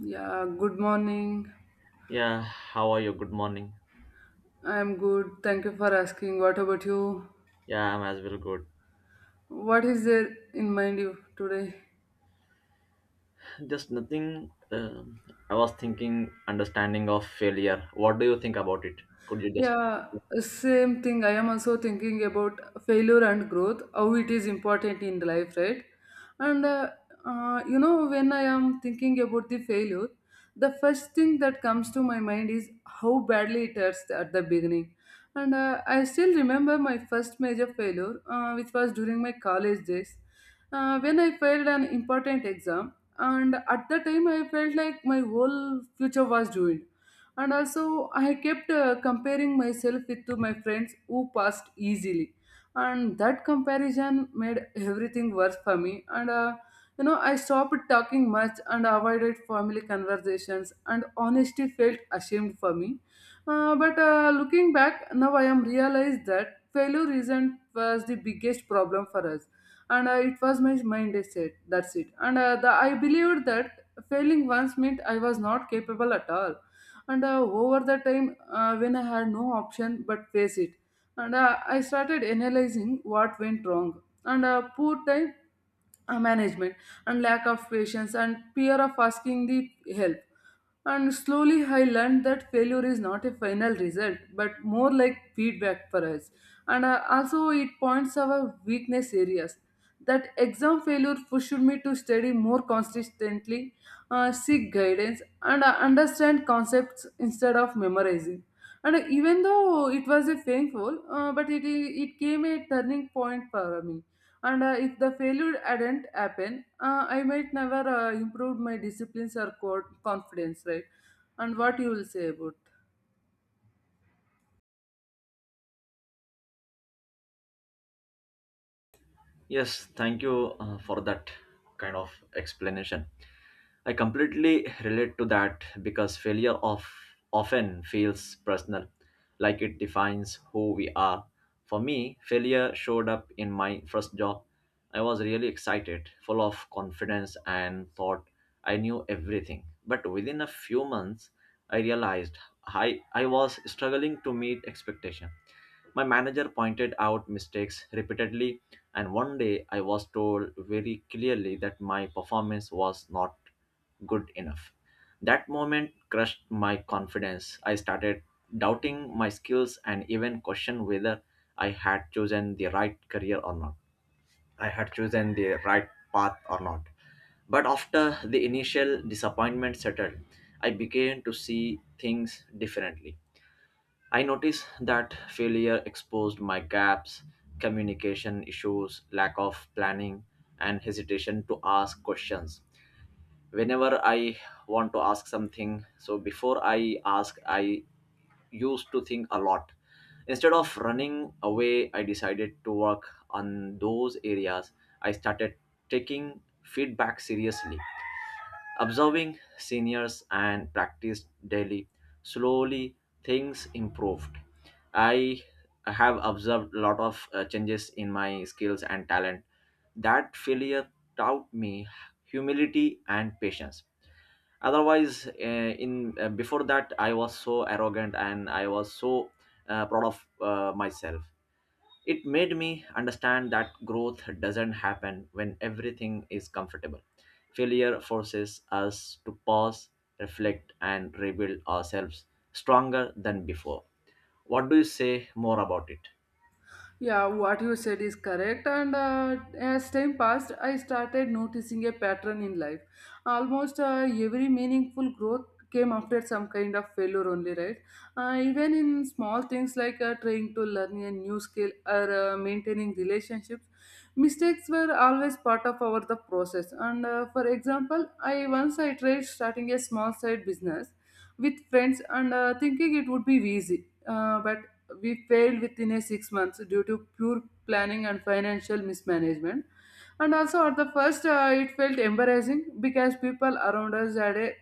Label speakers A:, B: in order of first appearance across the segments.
A: Yeah, good morning.
B: Yeah, how are you? Good morning.
A: I'm good. Thank you for asking. What about you?
B: Yeah, I'm as well good.
A: What is there in mind you today?
B: Just nothing. Um I was thinking understanding of failure. What do you think about it? Could you just?
A: Yeah, same thing. I am also thinking about failure and growth, how it is important in life, right? And when I am thinking about the failure, the first thing that comes to my mind is how badly it hurts at the beginning. And I still remember my first major failure, which was during my college days. When I failed an important exam, and at the time I felt like my whole future was ruined. And also, I kept comparing myself with to my friends who passed easily, and that comparison made everything worse for me. And I stopped talking much and avoided family conversations, and honestly felt ashamed for me. But looking back now, I am realized that failure isn't was the biggest problem for us, and it was my mind I said that's it, and I believed that failing once meant I was not capable at all, and over the time when I had no option but face it, and I started analyzing what went wrong, and poor time management, and lack of patience and fear of asking the help, and slowly I learned that failure is not a final result but more like feedback for us. And also it points our weakness areas. That exam failure pushed me to study more consistently, seek guidance, and understand concepts instead of memorizing. And even though it was a painful, but it came a turning point for me. And if the failure hadn't happened, I might never improved my disciplines or confidence, right? And what you will say about?
B: Yes, thank you for that kind of explanation. I completely relate to that because failure of often feels personal, like it defines who we are. For me, failure showed up in my first job. I was really excited, full of confidence, and thought I knew everything. But within a few months, I realized I was struggling to meet expectation. My manager pointed out mistakes repeatedly, and one day I was told very clearly that my performance was not good enough. That moment crushed my confidence. I started doubting my skills and even questioned whether I had chosen the right career or not. I had chosen the right path or not. But after the initial disappointment settled, I began to see things differently. I noticed that failure exposed my gaps, communication issues, lack of planning, and hesitation to ask questions. Whenever I want to ask something, so before I ask, I used to think a lot. Instead of running away, I decided to work on those areas. I started taking feedback seriously, observing seniors and practiced daily, slowly things improved. I have observed a lot of changes in my skills and talent. That failure taught me humility and patience. Otherwise, in before that, I was so arrogant and I was so proud of myself. It made me understand that growth doesn't happen when everything is comfortable. Failure forces us to pause, reflect, and rebuild ourselves stronger than before. What do you say more about it?
A: Yeah, what you said is correct. And as time passed, I started noticing a pattern in life. Almost every meaningful growth came after some kind of failure only, right? Even in small things like trying to learn a new skill or maintaining relationships, mistakes were always part of our the process. And for example, I once I tried starting a small side business with friends and thinking it would be easy. But we failed within a 6 months due to pure planning and financial mismanagement, and also at the first it felt embarrassing because people around us had a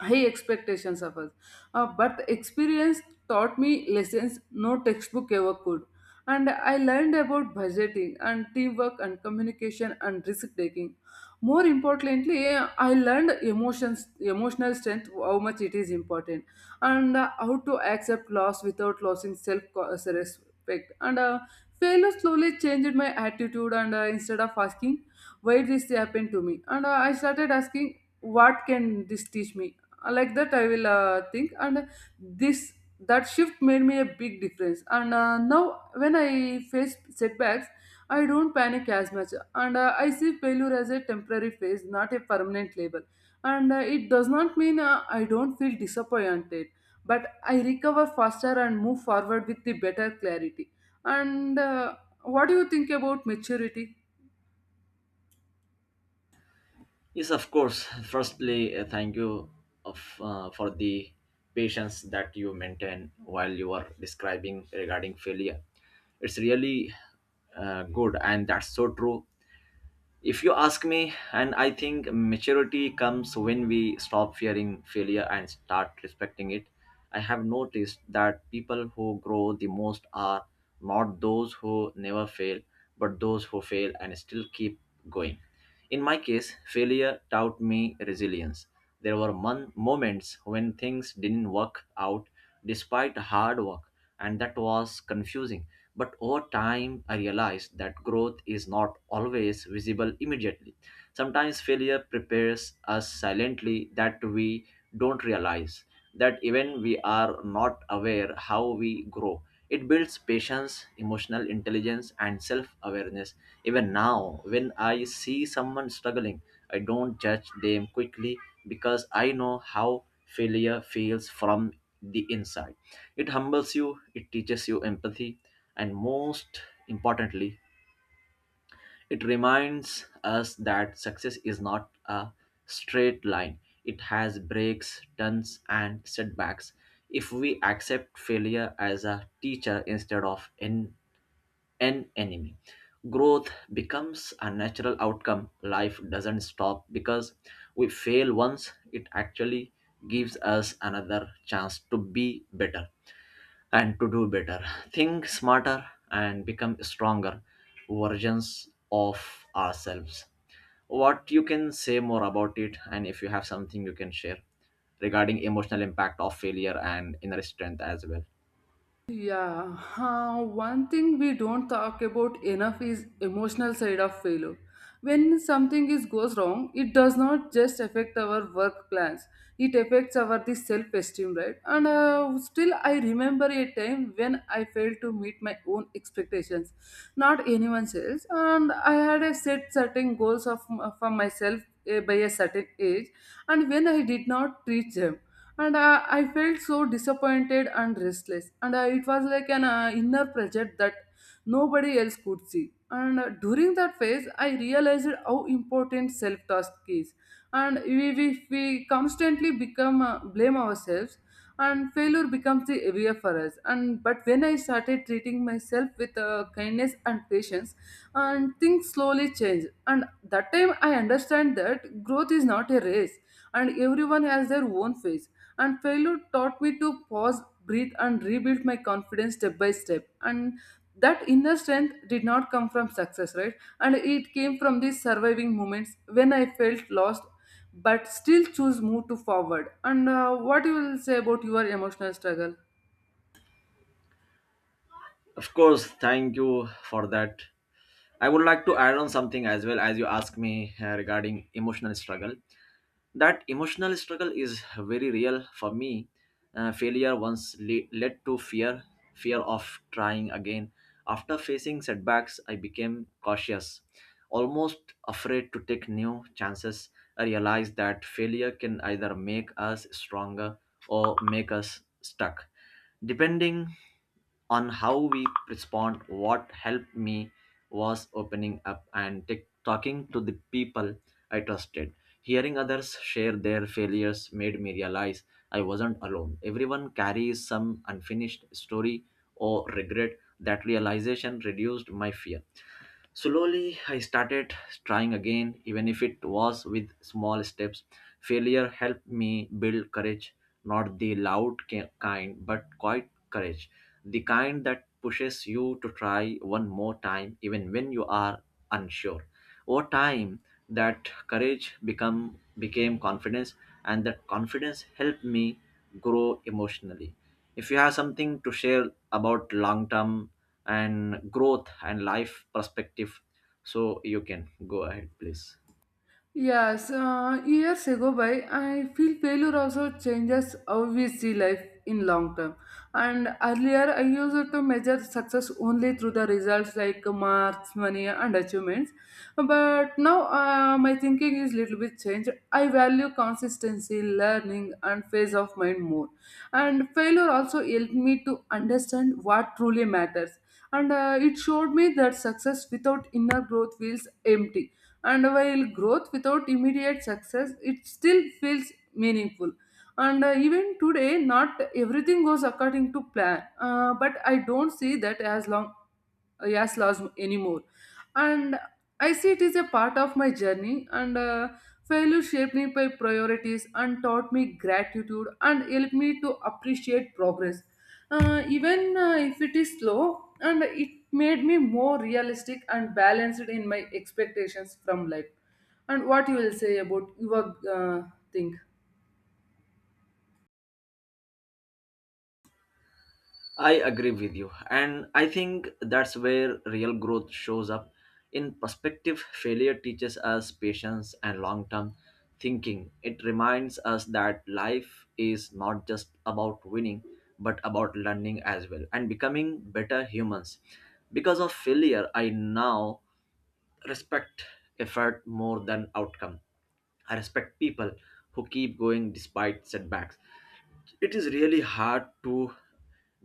A: high expectations of us, but experience taught me lessons no textbook ever could, and I learned about budgeting and teamwork and communication and risk taking. More importantly, I learned emotions emotional strength how much it is important, and how to accept loss without losing self respect. And failure slowly changed my attitude, and instead of asking, why this happened to me, and I started asking, what can this teach me? Like that, I will think, and this that shift made me a big difference. And now, when I face setbacks, I don't panic as much, and I see failure as a temporary phase, not a permanent label, and it does not mean I don't feel disappointed, but I recover faster and move forward with the better clarity. And what do you think about maturity?
B: Yes, of course. Firstly, thank you for the patience that you maintain while you are describing regarding failure. It's really good, and that's so true. If you ask me, and I think maturity comes when we stop fearing failure and start respecting it. I have noticed that people who grow the most are not those who never fail, but those who fail and still keep going. In my case, failure taught me resilience. There were moments when things didn't work out despite hard work, and that was confusing, but over time, I realized that growth is not always visible immediately. Sometimes failure prepares us silently that we don't realize, that even we are not aware how we grow. It builds patience, emotional intelligence, and self awareness. Even now, when I see someone struggling, I don't judge them quickly because I know how failure feels from the inside. It humbles you, it teaches you empathy, and most importantly, it reminds us that success is not a straight line. It has breaks, turns, and setbacks. If we accept failure as a teacher instead of an enemy, growth becomes a natural outcome. Life doesn't stop because we fail once, it actually gives us another chance to be better and to do better. Think smarter and become stronger versions of ourselves. What you can say more about it, and if you have something you can share regarding emotional impact of failure and inner strength as well?
A: Yeah, one thing we don't talk about enough is emotional side of failure. When something is goes wrong, it does not just affect our work plans. It affects our the self-esteem, right? And still, I remember a time when I failed to meet my own expectations, not anyone else. And I had a set certain goals of for myself by a certain age, and when I did not reach them, and I felt so disappointed and restless, and it was like an inner pressure that nobody else could see. And during that phase, I realized how important self task is. And if we constantly become blame ourselves, and failure becomes the area for us. And but when I started treating myself with kindness and patience, and things slowly change. And that time I understand that growth is not a race, and everyone has their own phase. And failure taught me to pause, breathe, and rebuild my confidence step by step. And that inner strength did not come from success, right? And it came from these surviving moments when I felt lost, but still choose move to forward. And what you will say about your emotional struggle?
B: Of course, thank you for that. I would like to add on something as well as you ask me regarding emotional struggle. That emotional struggle is very real for me. Failure once led to fear, fear of trying again. After facing setbacks, I became cautious, almost afraid to take new chances. I realized that failure can either make us stronger or make us stuck, depending on how we respond. What helped me was opening up and talking to the people I trusted. Hearing others share their failures made me realize I wasn't alone. Everyone carries some unfinished story or regret. That realization reduced my fear. Slowly, I started trying again, even if it was with small steps. Failure helped me build courage, not the loud kind, but quiet courage, the kind that pushes you to try one more time, even when you are unsure. Over time, that courage become became confidence, and that confidence helped me grow emotionally. If you have something to share about long term and growth and life perspective, so you can go ahead please.
A: Yes, years ago by, I feel failure also changes how we see life in long term. And earlier, I used to measure success only through the results like marks, money, and achievements. But now, my thinking is little bit changed. I value consistency, learning, and phase of mind more. And failure also helped me to understand what truly matters. And it showed me that success without inner growth feels empty, and while growth without immediate success it still feels meaningful, and even today not everything goes according to plan, but I don't see that as long as loss anymore, and I see it is a part of my journey. And failure shaped me by priorities and taught me gratitude and helped me to appreciate progress, even if it is slow, and it made me more realistic and balanced in my expectations from life. And what you will say about your thing?
B: I agree with you. And I think that's where real growth shows up. In perspective, failure teaches us patience and long term thinking. It reminds us that life is not just about winning, but about learning as well and becoming better humans. Because of failure, I now respect effort more than outcome. I respect people who keep going despite setbacks. It is really hard to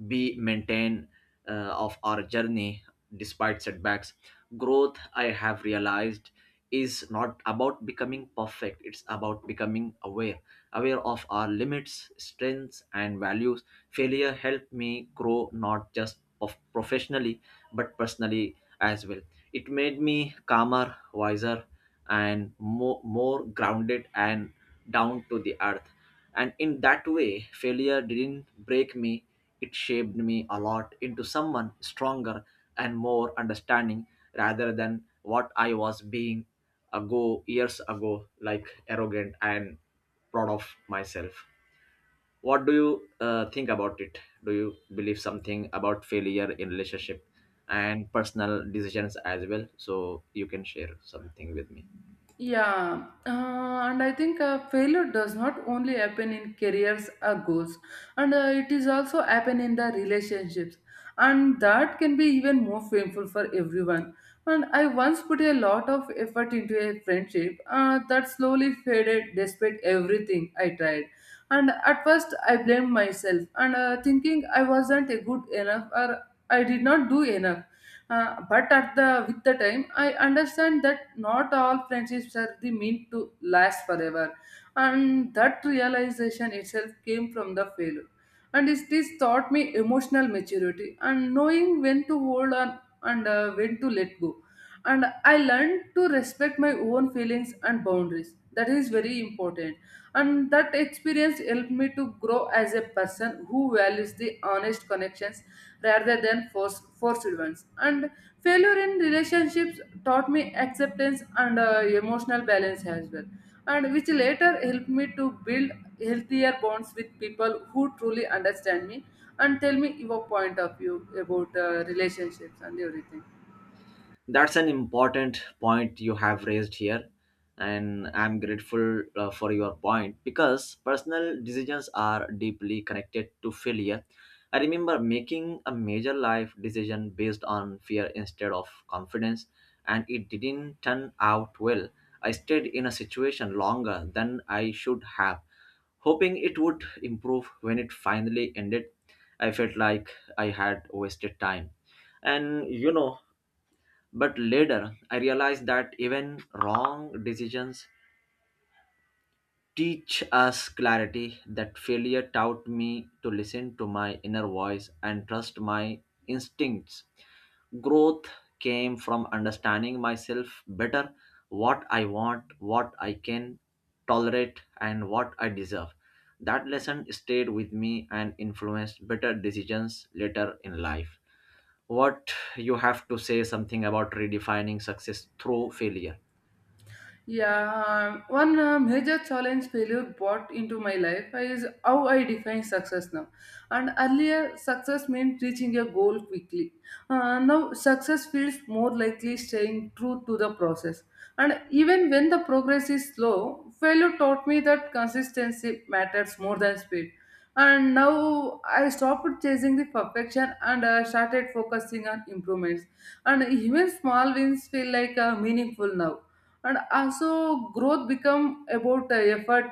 B: be maintain of our journey despite setbacks. Growth, I have realized, is not about becoming perfect, it's about becoming aware, aware of our limits, strengths and values. Failure helped me grow not just of professionally, but personally as well. It made me calmer, wiser, and more grounded and down to the earth. And in that way, failure didn't break me, it shaped me a lot into someone stronger and more understanding, rather than what I was being ago years ago, like arrogant and proud of myself. What do you think about it? Do you believe something about failure in relationship and personal decisions as well, so you can share something with me?
A: Yeah, and I think failure does not only happen in careers or goals, and it is also happen in the relationships, and that can be even more painful for everyone. And I once put a lot of effort into a friendship that slowly faded despite everything I tried. And at first, I blamed myself and thinking I wasn't a good enough or I did not do enough. But at the with the time, I understand that not all friendships are the meant to last forever, and that realization itself came from the failure. And this taught me emotional maturity and knowing when to hold on, and when to let go, and I learned to respect my own feelings and boundaries that is very important, and that experience helped me to grow as a person who values the honest connections rather than forced ones. And failure in relationships taught me acceptance, and emotional balance as well, and which later helped me to build healthier bonds with people who truly understand me. And tell me your point of view about relationships and everything.
B: That's an important point you have raised here, and I'm grateful for your point because personal decisions are deeply connected to failure. I remember making a major life decision based on fear instead of confidence, and it didn't turn out well. I stayed in a situation longer than I should have, hoping it would improve when it finally ended. I felt like I had wasted time and you know But later, I realized that even wrong decisions teach us clarity, that failure taught me to listen to my inner voice and trust my instincts. Growth came from understanding myself better, what I want, what I can tolerate, and what I deserve. That lesson stayed with me and influenced better decisions later in life. What you have to say something about redefining success through failure?
A: Yeah, one major challenge failure brought into my life is how I define success now. And earlier, success meant reaching a goal quickly. Now, success feels more likely staying true to the process. And even when the progress is slow, failure taught me that consistency matters more than speed. And now I stopped chasing the perfection, and started focusing on improvements. And even small wins feel like meaningful now, and also growth become about effort,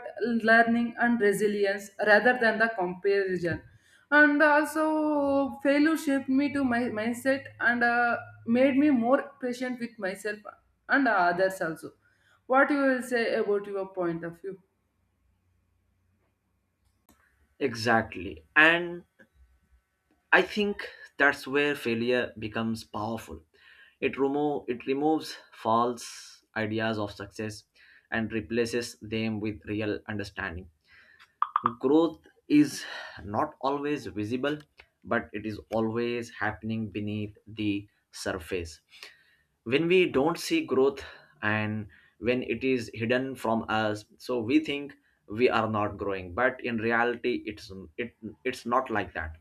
A: learning and resilience rather than the comparison. And also failure shaped me to my mindset, and made me more patient with myself and others also. What you will say about your point of view?
B: Exactly. And I think that's where failure becomes powerful. It removes false ideas of success and replaces them with real understanding. Growth is not always visible, but it is always happening beneath the surface. When we don't see growth, and when it is hidden from us, so we think we are not growing, but in reality it, it's not like that.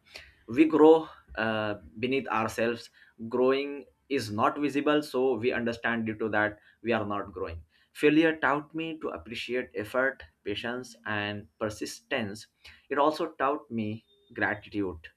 B: We grow beneath ourselves. Growing is not visible, so we understand due to that we are not growing. Failure taught me to appreciate effort, patience and persistence. It also taught me gratitude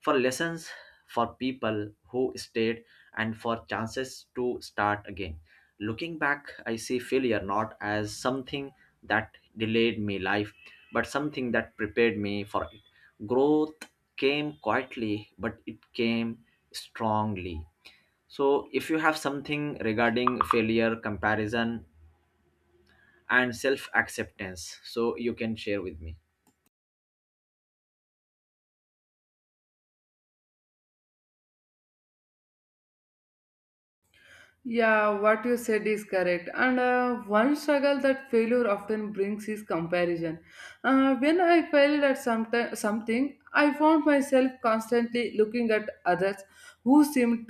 B: for lessons, for people who stayed, and for chances to start again. Looking back, I see failure not as something that delayed me life, but something that prepared me for it. Growth came quietly, but it came strongly. So, if you have something regarding failure, comparison, and self acceptance, so you can share with me.
A: Yeah, what you said is correct. And one struggle that failure often brings is comparison. When I failed at something, I found myself constantly looking at others who seemed